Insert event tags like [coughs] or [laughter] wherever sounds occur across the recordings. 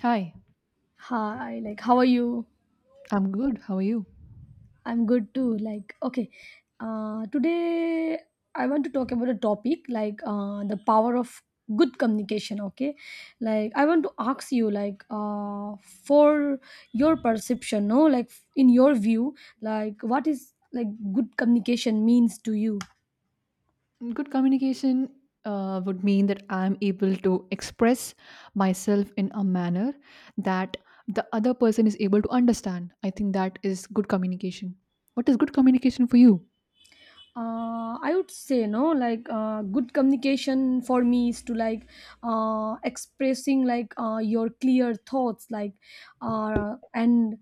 Hi, Hi, like, how are you? I'm good. How are you? I'm good too. Like, okay, today I want to talk about a topic like the power of good communication. Okay, like, I want to ask you, like, for your perception, no, like, in your view, like, what is like good communication means to you? Good communication would mean that I'm able to express myself in a manner that the other person is able to understand. I think that is good communication. What is good communication for you? I would say no like good communication for me is to like expressing like your clear thoughts like uh, and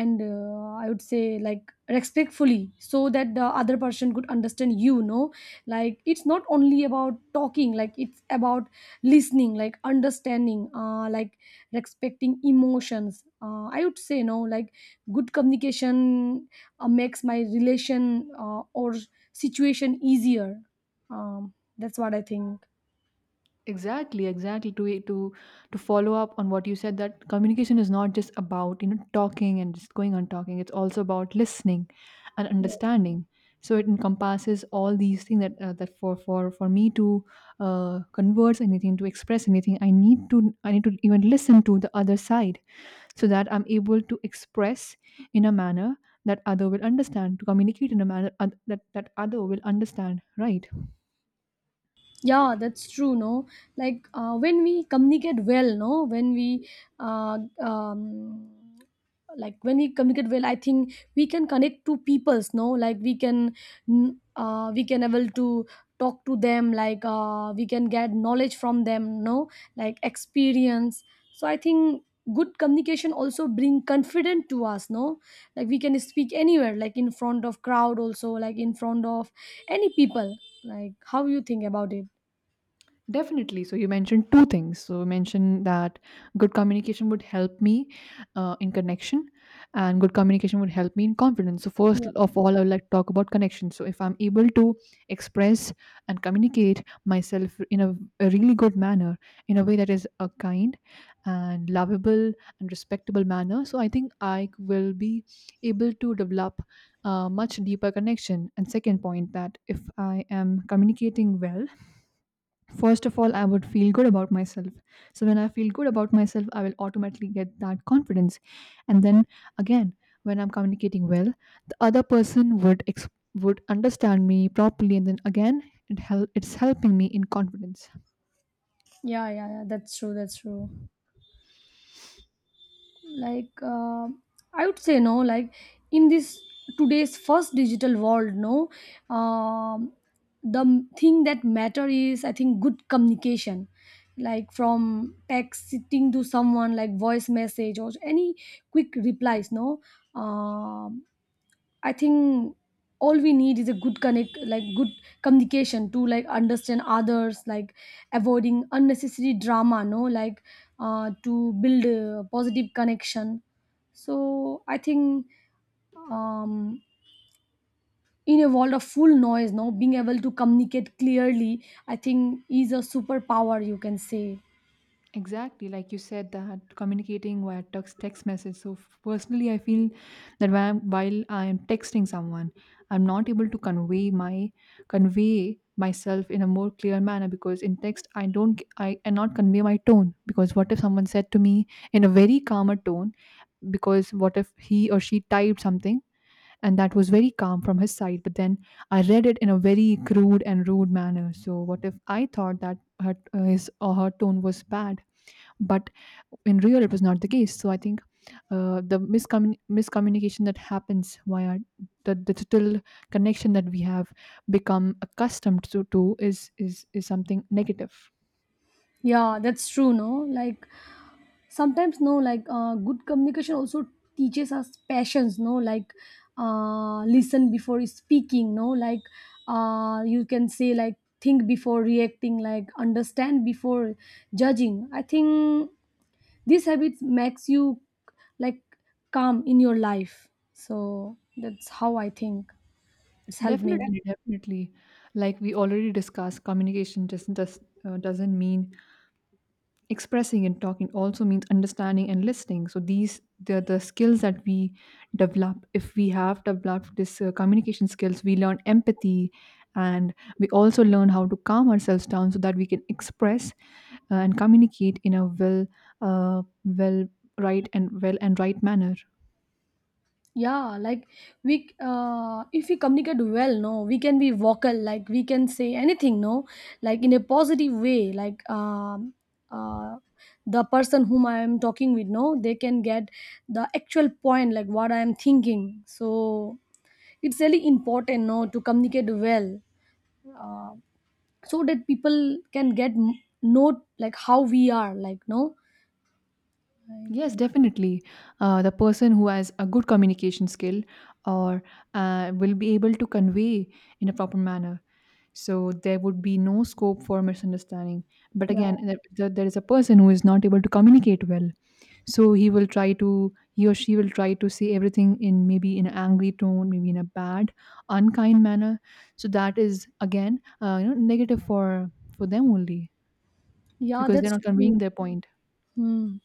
and I would say like respectfully so that the other person could understand you. No, like it's not only about talking like it's about listening like understanding like respecting emotions, I would say no like good communication makes my relation or situation easier. That's what I think. Exactly, exactly, to follow up on what you said that communication is not just about talking and just going on talking, it's also about listening and understanding. So it encompasses all these things that for me to converse anything, to express anything, I need to even listen to the other side, so that I'm able to express in a manner that other will understand, to communicate in a manner that other will understand, right? Yeah, that's true, no, like when we communicate well, no, uh, um, when we communicate well, I think we can connect to peoples, no, like we can we can able to talk to them, like we can get knowledge from them, no, like experience. So I think good communication also bring confidence to us, no, like we can speak anywhere, like in front of crowd also, like in front of any people. Like how you think about it? Definitely. So you mentioned two things. So you mentioned that good communication would help me in connection, and good communication would help me in confidence. So Yeah, first of all, I would like to talk about connection. So if I'm able to express and communicate myself in a really good manner, in a way that is a kind and lovable and respectable manner, so I think I will be able to develop a much deeper connection. And second point, that if I am communicating well, first of all, I would feel good about myself. So when I feel good about myself, I will automatically get that confidence. And then again, when I'm communicating well, the other person would would understand me properly. And then again, it it's helping me in confidence. Yeah. That's true. That's true. Like, I would say no. Like, in this today's first digital world, no, um, the thing that matter is, I think, good communication. Like from texting to someone, like voice message or any quick replies, no. Um, I think all we need is a good connect, like good communication to like understand others, like avoiding unnecessary drama, no, like to build a positive connection. So I think um, in a world of full noise, no, being able to communicate clearly, I think, is a superpower, you can say. Exactly, like you said, that communicating via text message. So, personally, I feel that while I am texting someone, I'm not able to convey myself in a more clear manner, because in text I cannot convey my tone. Because what if someone said to me in a very calmer tone, because what if he or she typed something and that was very calm from his side, but then I read it in a very crude and rude manner? So what if I thought that his or her tone was bad, but in real, it was not the case? So I think the miscommunication that happens via the digital connection that we have become accustomed to is is something negative. Yeah, that's true, no, like sometimes, no, like good communication also teaches us patience, no, like listen before speaking, no, like you can say like think before reacting, like understand before judging. I think these habits makes you like calm in your life. So that's how I think it's helped me. Definitely, definitely. Like we already discussed, communication just doesn't mean expressing and talking, also means understanding and listening. So these, the skills that we develop, if we have developed this communication skills, we learn empathy, and we also learn how to calm ourselves down so that we can express and communicate in a well right and well and right manner. Yeah, like we if we communicate well, no, we can be vocal, like we can say anything, no, like in a positive way, like uh, the person whom I am talking with, no, they can get the actual point, like what I am thinking. So it's really important, no, to communicate well, uh, so that people can get know like how we are like, no. Yes, definitely. The person who has a good communication skill or will be able to convey in a proper manner. So there would be no scope for misunderstanding. But Yeah, again, there is a person who is not able to communicate well. So he will try to, he or she will try to say everything in maybe in an angry tone, maybe in a bad, unkind manner. So that is again, negative for them only, yeah, because they're that's not true. conveying their point. Hmm.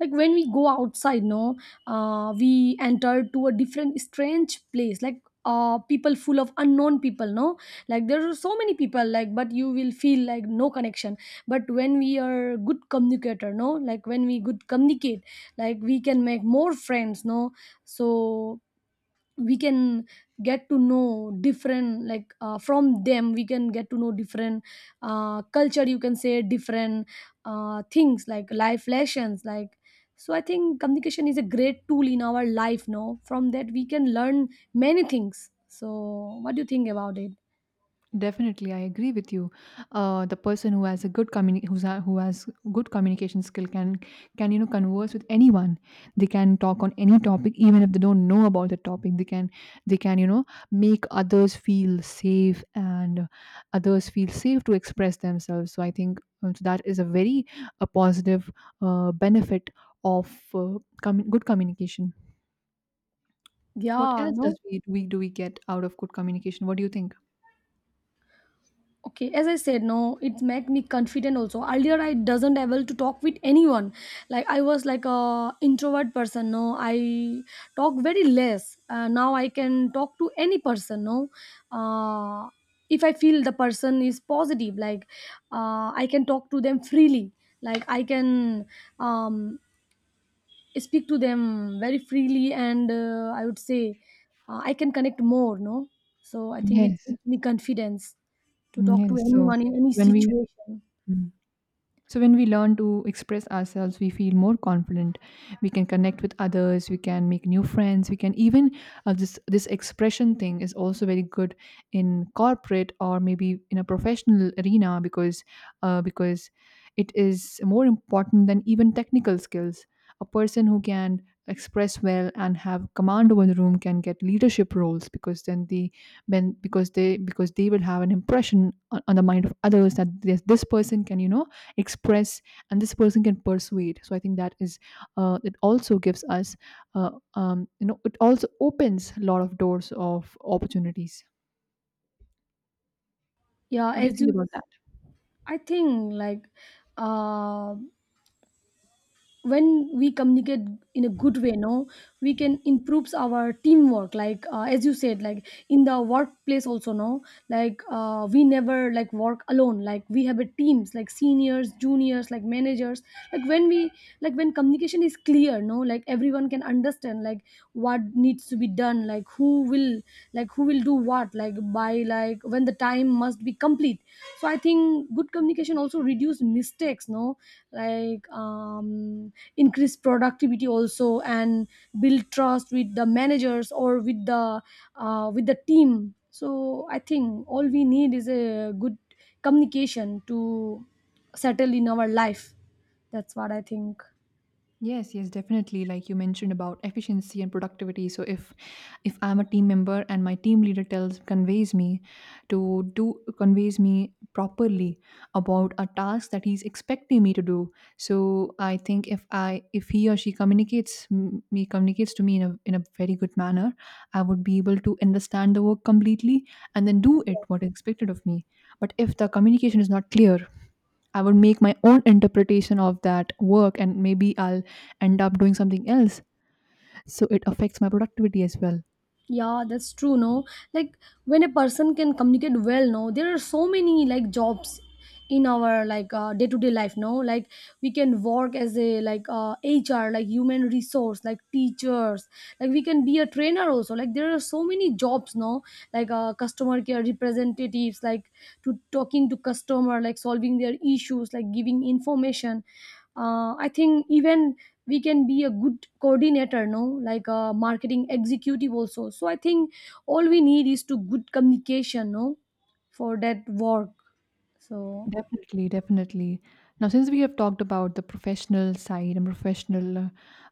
Like when we go outside, no, we enter to a different strange place, like people full of unknown people, no, like there are so many people, like but you will feel like no connection. But when we are good communicator, no, like when we good communicate, like we can make more friends, no, so we can get to know different, like from them we can get to know different culture, you can say, different things like life lessons, like so I think communication is a great tool in our life, no, from that we can learn many things. So what do you think about it? Definitely, I agree with you. The person who has a good who has good communication skill can can converse with anyone. They can talk on any topic, even if they don't know about the topic. They can make others feel safe and others feel safe to express themselves. So I think so that is a very a positive benefit of uh, good communication. What Yeah, else no. does we do we do we get out of good communication? What do you think? Okay, as I said, no, it make me confident also. Earlier I doesn't able to talk with anyone, like I was like a introvert person, no, I talk very less. Now I can talk to any person, no. uh, if I feel the person is positive, like I can talk to them freely, like I can um, speak to them very freely, and I would say I can connect more, no. So I think it Yes. gives me confidence to Mm, talk to yes. So anyone in any when we, situation. mm. So when we learn to express ourselves, we feel more confident. We can connect with others. We can make new friends. We can even this this expression thing is also very good in corporate or maybe in a professional arena, because uh, because it is more important than even technical skills. A person who can express well and have command over the room can get leadership roles, because then the when because they will have an impression on the mind of others that this person can express, and this person can persuade. So I think that is it also gives us it also opens a lot of doors of opportunities. Yeah What do you as think you about that? I think like, uh, when we communicate in a good way, no, we can improves our teamwork, like as you said, like in the workplace also, no, like we never like work alone, like we have a teams, like seniors, juniors, like managers. Like when we, like when communication is clear, no, like everyone can understand like what needs to be done, like who will, like who will do what, like by like when the time must be complete. So I think good communication also reduce mistakes, no, like increase productivity also, and build trust with the managers or with the team. So I think all we need is a good communication to settle in our life. That's what I think. Yes, yes, definitely. Like you mentioned about efficiency and productivity. So if I'm a team member and my team leader tells conveys me to do conveys me properly about a task that he's expecting me to do. So I think if I if he or she communicates to me in a very good manner, I would be able to understand the work completely and then do it what is expected of me. But if the communication is not clear, I would make my own interpretation of that work, and maybe I'll end up doing something else. So it affects my productivity as well. Yeah, that's true, no, like when a person can communicate well, no, there are so many like jobs in our like day-to-day life, no, like we can work as a like HR, like human resource, like teachers, like we can be a trainer also, like there are so many jobs, no, like customer care representatives, like to talking to customer, like solving their issues, like giving information. I think even we can be a good coordinator, no, like a marketing executive also. So I think all we need is to good communication, no, for that work. So Definitely, definitely. Now, since we have talked about the professional side and professional uh,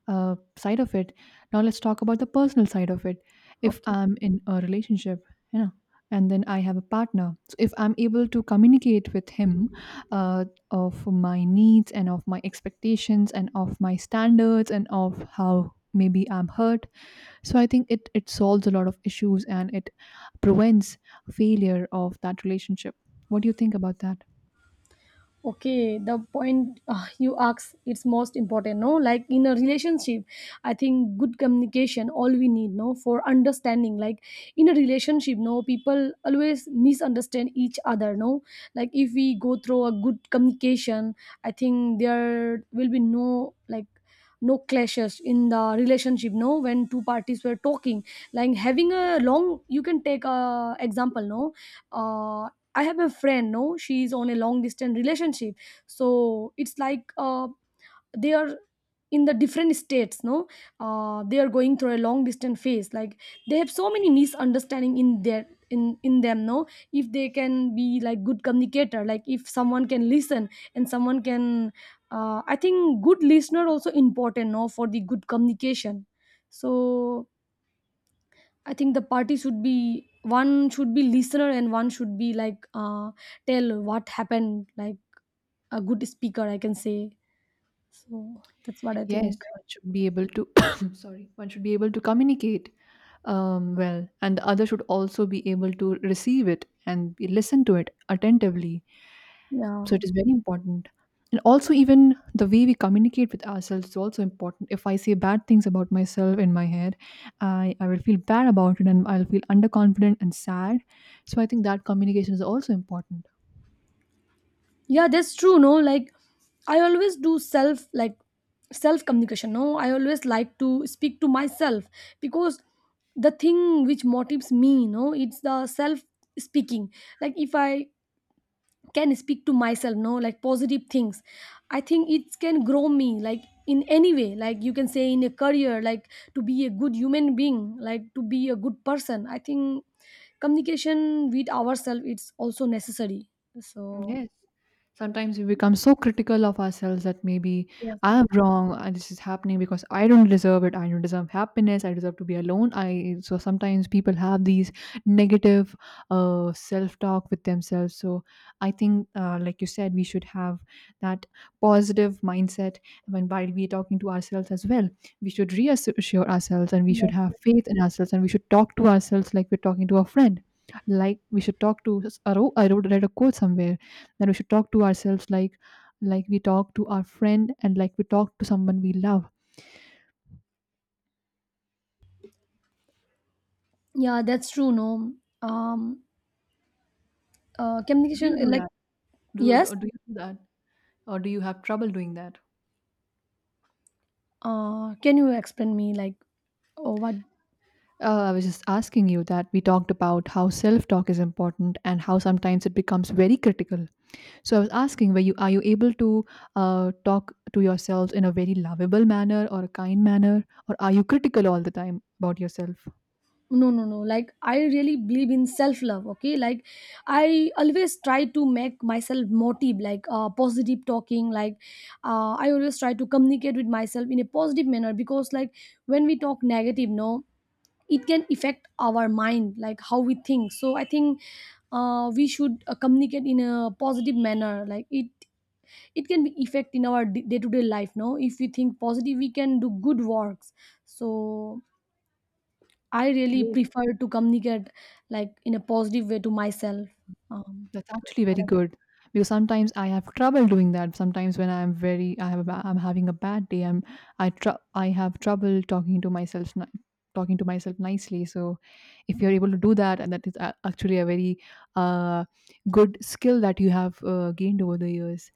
uh, side of it, now let's talk about the personal side of it. If okay. I'm in a relationship, you know, and then I have a partner, so if I'm able to communicate with him uh, of my needs and of my expectations and of my standards and of how maybe I'm hurt, so I think it, it solves a lot of issues and it prevents failure of that relationship. What do you think about that? Okay, the point you ask it's most important, no, like in a relationship. I think good communication all we need, no, for understanding. Like in a relationship, no, people always misunderstand each other, no, like if we go through a good communication, I think there will be no like no clashes in the relationship, no, when two parties were talking, like having a long, you can take a example, no. uh I have a friend, no, she's on a long distance relationship. So it's like they are in the different states, no, they are going through a long distance phase. Like they have so many misunderstanding in their in them, no. If they can be like good communicator, like if someone can listen and someone can, I think good listener also important, no, for the good communication. So I think the party should be one should be listener and one should be like tell what happened, like a good speaker, I can say. So that's what I Yes, think. one should be able to, [coughs] sorry, one should be able to communicate well, and the other should also be able to receive it and be, listen to it attentively. Yeah, So it is very important. And also, even the way we communicate with ourselves is also important. If I say bad things about myself in my head, I will feel bad about it, and I'll feel underconfident and sad. So I think that communication is also important. yeah, that's true. No, like I always do self, like self communication. No, I always like to speak to myself because the thing which motivates me, no, it's the self speaking. Like if I can speak to myself, no, like positive things, I think it can grow me like in any way, like you can say in a career, like to be a good human being, like to be a good person. I think communication with ourselves it's also necessary. So Yes. Sometimes we become so critical of ourselves that maybe yes, I'm yes, wrong, and this is happening because I don't deserve it. I don't deserve happiness. I deserve to be alone. I, so sometimes people have these negative self-talk with themselves. So I think, like you said, we should have that positive mindset when while we're talking to ourselves as well. We should reassure ourselves, and we should yes. have faith in ourselves, and we should talk to ourselves like we're talking to a friend. Like we should talk to. I read a quote somewhere, then we should talk to ourselves like we talk to our friend and like we talk to someone we love. Yeah, that's true, no. um Do Communication, you do like that? Yes. Do you do that? Or do you have trouble doing that? Can you explain me like, oh, what? Uh, I was just asking you that we talked about how self talk is important and how sometimes it becomes very critical. So I was asking, were you are you able to talk to yourselves in a very lovable manner or a kind manner, or are you critical all the time about yourself? No, no, no, like I really believe in self love, okay, like I always try to make myself motive, like positive talking, like I always try to communicate with myself in a positive manner, because like when we talk negative, no, it can affect our mind, like how we think. So I think we should communicate in a positive manner, like it can be effect in our day to day life, no. If we think positive, we can do good works. So I really Yes. prefer to communicate like in a positive way to myself. Um, That's actually very good, because sometimes I have trouble doing that. Sometimes when I'm I have, I'm having a bad day. I have trouble talking to myself nicely. So, if you're able to do that, and that is actually a very uh, good skill that you have gained over the years.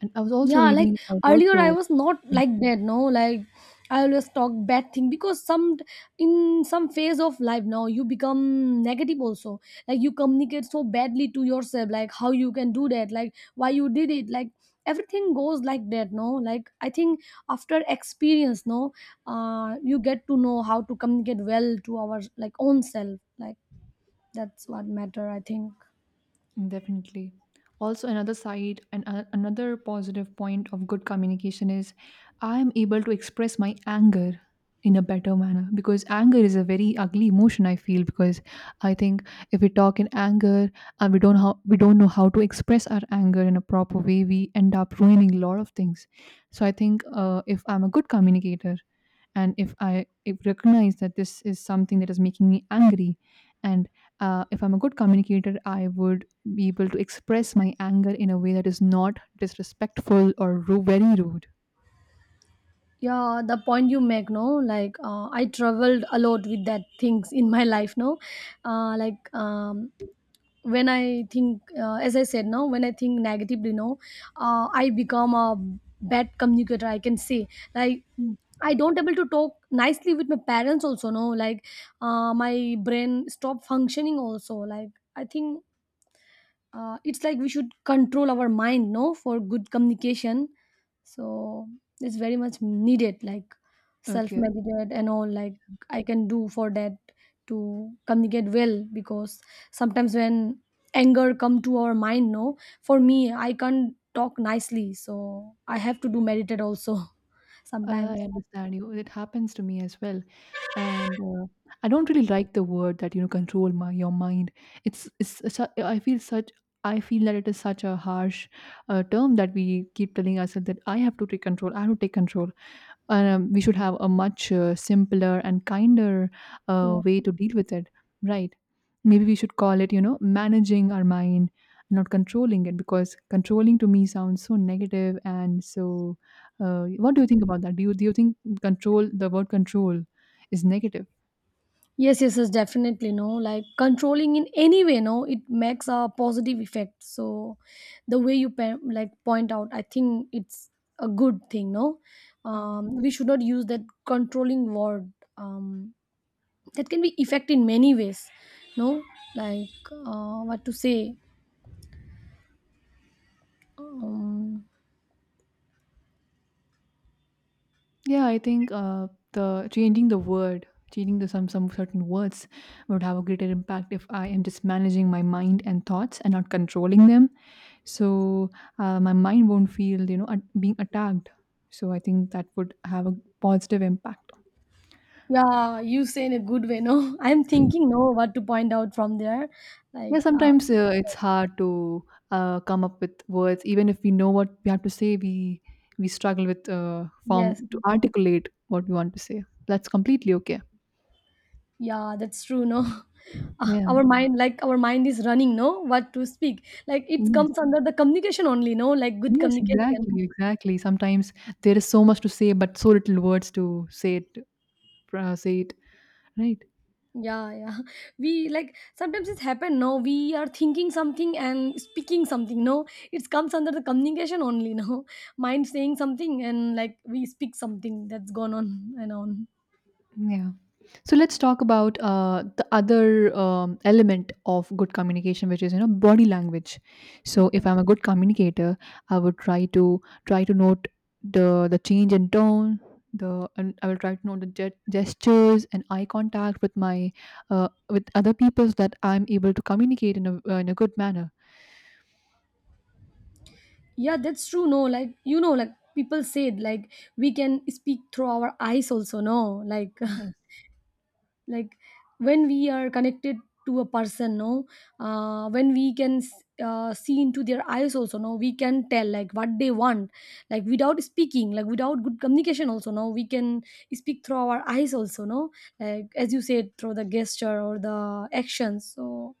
And I was also yeah, like reading. I was earlier I also was not like that. No, like I always talk bad thing because some, in some phase of life now you become negative also. Like you communicate so badly to yourself. Like how you can do that. Like why you did it. Like everything goes like that. No, like I think after experience, no, you get to know how to communicate well to our like own self. Like that's what matter, I think. definitely. Also, another side and another positive point of good communication is I am able to express my anger in a better manner, because anger is a very ugly emotion I feel, because I think if we talk in anger and we don't know how to express our anger in a proper way, we end up ruining a lot of things. So I think if I'm a good communicator, and if I if recognize that this is something that is making me angry, and if I'm a good communicator, I would be able to express my anger in a way that is not disrespectful or very rude. Yeah, the point you make, no, like I traveled a lot with that things in my [laughs] life, no, uh, like um, when I think, as I said, no, when I think negatively, no, I become a bad communicator, I can say, like Mm. I don't able to talk nicely with my parents also, no, like my brain stop functioning also, like I think it's like we should control our mind, no, for good communication. So it's very much needed, like self Okay, meditate and all, like I can do for that to communicate well, because sometimes when anger come to our mind, no, for me I can't talk nicely, so I have to do meditate also [laughs] sometimes. I understand you. It happens to me as well, and I don't really like the word that, you know, control my your mind. It's I feel such, I feel that it is such a harsh term that we keep telling ourselves, that I have to take control. I have to take control. We should have a much simpler and kinder way Yeah. to deal with it, right? Maybe we should call it managing our mind, not controlling it, because controlling to me sounds so negative and so what do you think about that? Do you, do you think control, the word control, is negative? Yes, yes, definitely. No, like controlling in any way, no, it makes a positive effect. So, the way you like point out, I think it's a good thing. No, Mm. We should not use that controlling word. Um, that can be effect in many ways. No, like what to say. Um, Yeah, I think the changing the word, changing the some certain words would have a greater impact if I am just managing my mind and thoughts and not controlling them. So my mind won't feel being attacked, so I think that would have a positive impact. yeah, you say in a good way. No, [laughs] I'm thinking. No, what to point out from there. Like Yeah, sometimes it's hard to come up with words. Even if we know what we have to say, we struggle with form yes, to articulate what we want to say. That's completely okay. yeah, that's true, no? [laughs] Ah, Yeah. our mind, like our mind is running, no? What to speak? Like it Yes. comes under the communication only, no? Like good Yes, communication. exactly, exactly. Sometimes there is so much to say but so little words to say it, say it, right? Yeah, yeah. [laughs] We like sometimes it's happen, no? We are thinking something and speaking something, no? It comes under the communication only, [laughs] no? Mind saying something and like we speak something that's gone on and on. Yeah. So let's talk about the other element of good communication, which is, body language. So Okay. if I'm a good communicator, I would try to note the change in tone. The and I will try to note the gestures and eye contact with my with other people, so that I'm able to communicate in a, in a good manner. Yeah, that's true, no? Like, you know, like people said, like we can speak through our eyes also, no? Like, [laughs] Yes. like when we are connected to a person, no, when we can s- see into their eyes also, no, we can tell like what they want, like without speaking, like without good communication also, no, we can speak through our eyes also, no, like as you said, through the gesture or the actions. So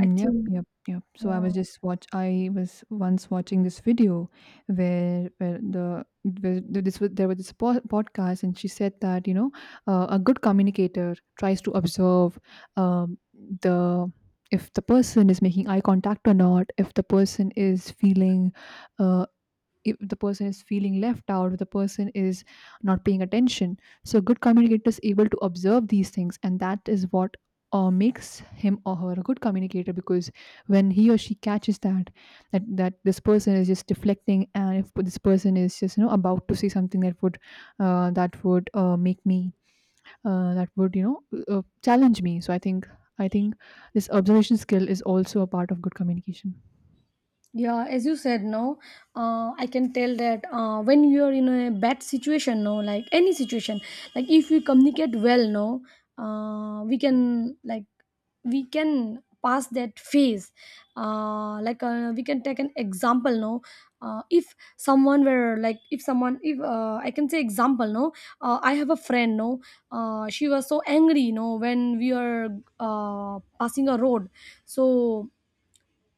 I yep, think, yep, yep. So I yeah, was just watch. I was once watching this video where this was, there was this podcast, and she said that, a good communicator tries to observe, um, the, if the person is making eye contact or not, if the person is feeling, uh, if the person is feeling left out, if the person is not paying attention. So a good communicator is able to observe these things, and that is what makes him or her a good communicator. Because when he or she catches that, that this person is just deflecting, and if this person is just about to say something that would, make me, that would, challenge me. So I think this observation skill is also a part of good communication. yeah, as you said, no, I can tell that when you are in a bad situation, no, like any situation, like if we communicate well, no, we can like we can pass that phase. We can take an example, no. If someone were like if someone if I can say example, no. I have a friend, no. She was so angry, no, when we are passing a road. So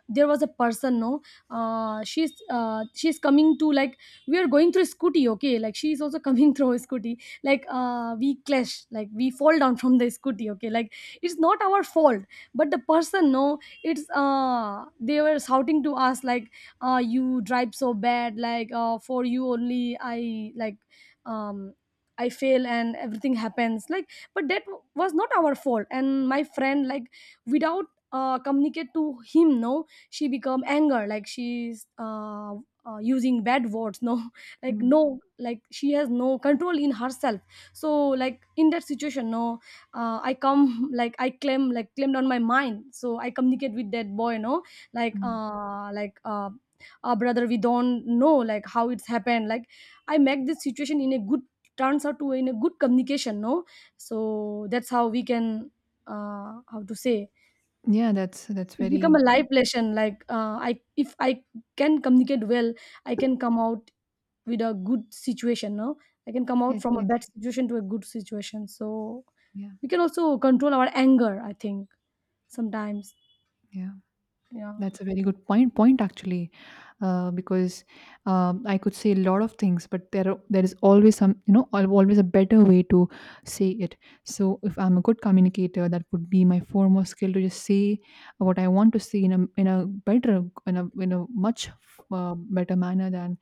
there was a person, no. She's coming to like we are going through scooty, okay, like she's also [laughs] coming through a scooty. We clash, like we fall down from the scooty, okay. Like it's not our fault, but the person, no, it's uh, they were shouting to us like, uh, you drive so bad, like for you only I like, um I fail and everything happens, like, but that was not our fault. And my friend like without communicate to him, no, she become anger, like she's using bad words, no, [laughs] like, Mm, no, like she has no control in herself. So like in that situation, no, I come [laughs] like I claim, like claimed on my mind, so I communicate with that boy, no, like mm. Brother, we don't know like how it's happened. Like I make this situation in a good, turns out to in a good communication, no. So that's how we can, uh, how to say, Yeah, that's it become a very life good. lesson. Like I, if I can communicate well, I can come out with a good situation, no. I can come out Yes, from a yes. bad situation to a good situation. So Yeah. we can also control our anger, I think, sometimes. Yeah. Yeah, That's a very good point. Point actually. Because I could say a lot of things, but there is always some, always a better way to say it. So if I'm a good communicator, that would be my foremost skill to just say what I want to say in a, in a better in a, much better manner than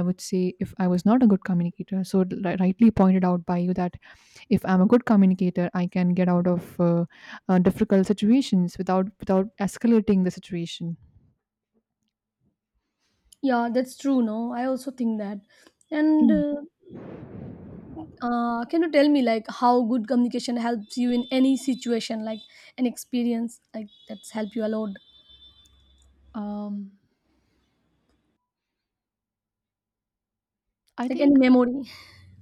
I would say if I was not a good communicator. So, rightly pointed out by you, that if I'm a good communicator, I can get out of difficult situations without escalating the situation. yeah, that's true, no? I also think that. And Mm. Can you tell me like how good communication helps you in any situation, like an experience like that's helped you a lot, Um, I like any think memory?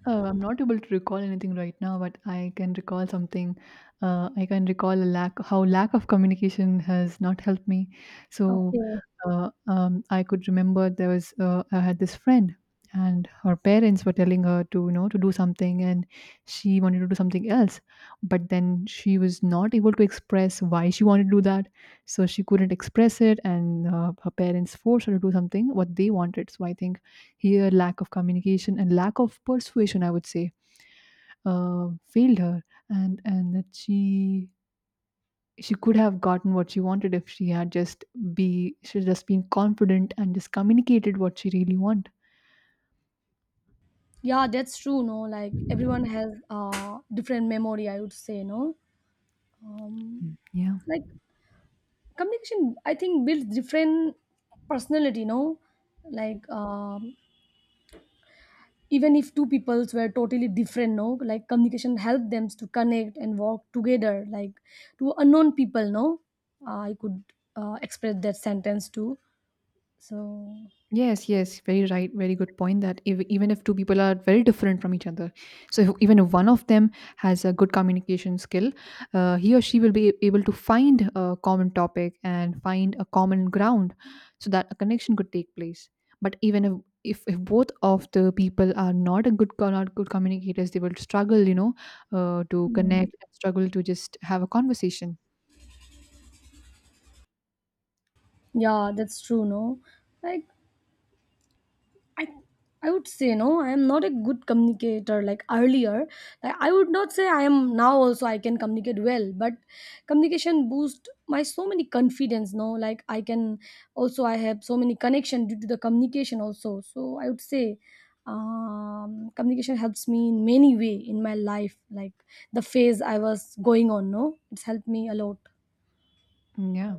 I'm not able to recall anything right now, but I can recall something. I can recall a lack of communication has not helped me. So Okay. I could remember there was, I had this friend, and her parents were telling her to, to do something, and she wanted to do something else, but then she was not able to express why she wanted to do that. So she couldn't express it, and her parents forced her to do something what they wanted. So I think, here, lack of communication and lack of persuasion, I would say, failed her, and that she could have gotten what she wanted if she had just be she had just been confident and just communicated what she really want. Yeah, that's true. No, like everyone has uh, different memory, I would say. No, um, Mm. Yeah. like communication, I think, builds different personality. No, like even if two peoples were totally different, no, like communication helped them to connect and work together. Like to unknown people, no, I could express that sentence too. So Yes, yes, very right, very good point, that if, even if two people are very different from each other, so if, even if one of them has a good communication skill, he or she will be able to find a common topic and find a common ground so that a connection could take place. But even if both of the people are not a not good communicators, they will struggle, you know, to mm, connect, struggle to just have a conversation. yeah, that's true. No, like I I would say, no, I am not a good communicator like earlier. Like I would not say I am now also I can communicate well, but communication boost my so many confidence, no? Like I can, also I have so many connection due to the communication also. So I would say, communication helps me in many way in my life, like the phase I was going on, no? It's helped me a lot. Mm. Yeah.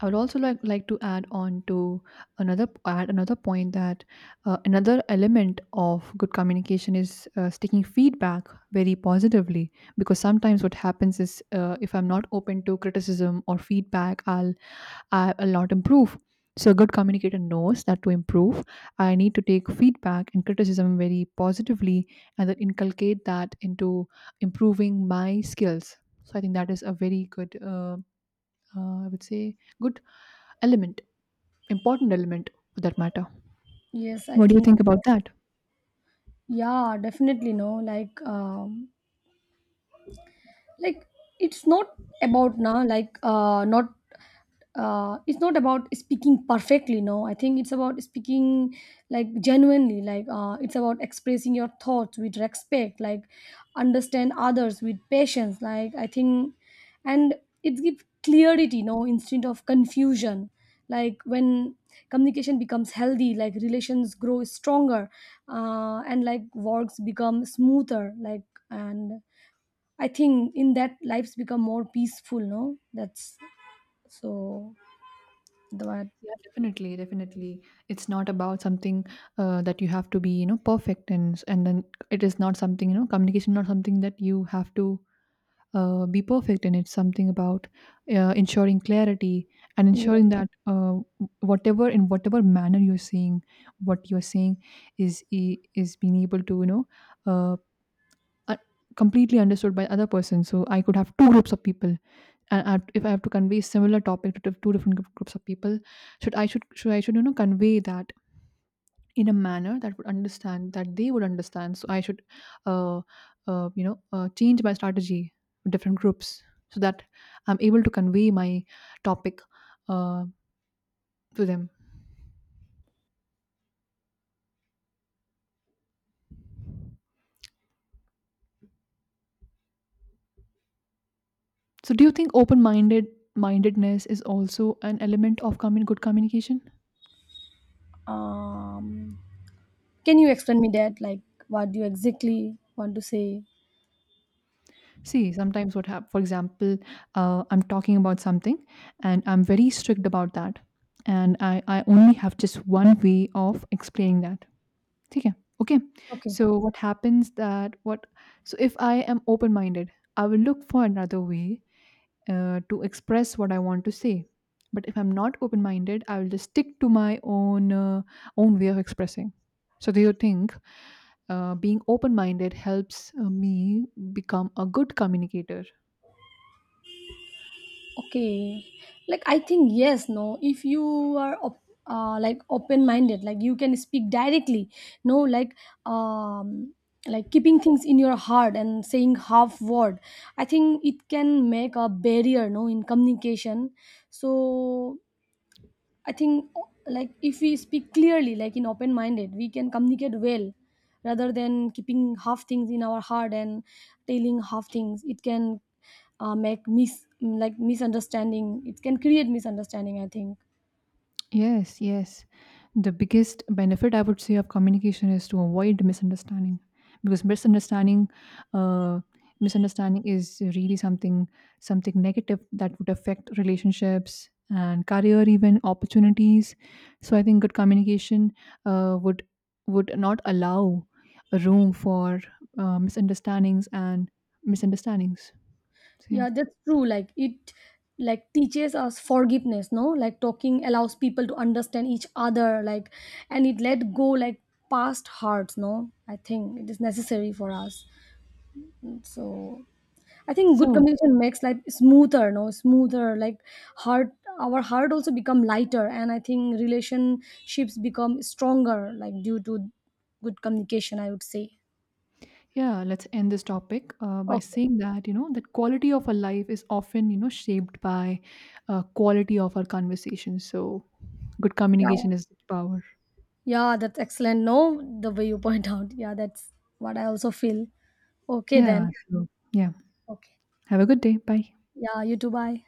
I would also like to add on to another point, that another element of good communication is taking feedback very positively, because sometimes what happens is, if I'm not open to criticism or feedback, I'll, I'll not improve. So a good communicator knows that to improve, I need to take feedback and criticism very positively and then inculcate that into improving my skills. So I think that is a very good, I would say, good element, important element for that matter. Yes, I What do you think, think about that? yeah, definitely no. Like it's not about now, like uh, not it's not about speaking perfectly, no. I think it's about speaking like genuinely, like it's about expressing your thoughts with respect, like understand others with patience. Like I think, and it gives clarity, no, instead of confusion, like when communication becomes healthy, like relations grow stronger, and like works become smoother, like, and I think in that lives become more peaceful, no? That's so that Yeah, definitely, definitely. It's not about something, that you have to be, you know, perfect, and then it is not something, you know, communication, not something that you have to be perfect in. It's something about ensuring clarity and ensuring that whatever in whatever manner you're saying, what you're saying is, is being able to, you know, uh, uh, completely understood by other person. So I could have two groups of people, and if I have to convey similar topic to, two different groups of people, should I, should you know, convey that in a manner that would understand, that they would understand. So I should, uh, you know, change my strategy with different groups, so that I'm able to convey my topic uh, to them. So do you think open minded, mindedness is also an element of good communication? um can you explain me that, like what do you exactly want to say? See, sometimes what happens, for example, I'm talking about something, and I'm very strict about that. And I only have just one way of explaining that. Okay. Okay. Okay. So what happens, that what so if I am open minded, I will look for another way to express what I want to say. But if I'm not open minded, I will just stick to my own, own way of expressing. So do you think being open minded helps me become a good communicator? Okay. Like I think yes, no. If you are like open minded, like you can speak directly, no, like um like keeping things in your heart and saying half word, I think it can make a barrier, no, in communication. So I think like if we speak clearly, like in open minded, we can communicate well rather than keeping half things in our heart and telling half things. It can make like misunderstanding. It can create misunderstanding, I think. Yes, yes. The biggest benefit I would say of communication is to avoid misunderstanding, because misunderstanding, uh is really something, something negative that would affect relationships and career, even opportunities. So I think good communication would not allow room for misunderstandings and misunderstandings. So yeah. Yeah, that's true. Like it like teaches us forgiveness. No, like talking allows people to understand each other, like, and it let go like past hurts. No, I think it is necessary for us. So I think good So communication makes life smoother, no, smoother. Like heart, our heart also become lighter, and I think relationships become stronger, like due to good communication, I would say. yeah, let's end this topic by Okay. saying that, you know, that quality of our life is often, you know, shaped by quality of our conversation. So, good Yeah. communication is the power. Yeah, that's excellent. No, the way you point [laughs] out. Yeah, that's what I also feel. Okay then. Yeah. So, yeah. Okay. Have a good day. Bye. Yeah. You too. Bye.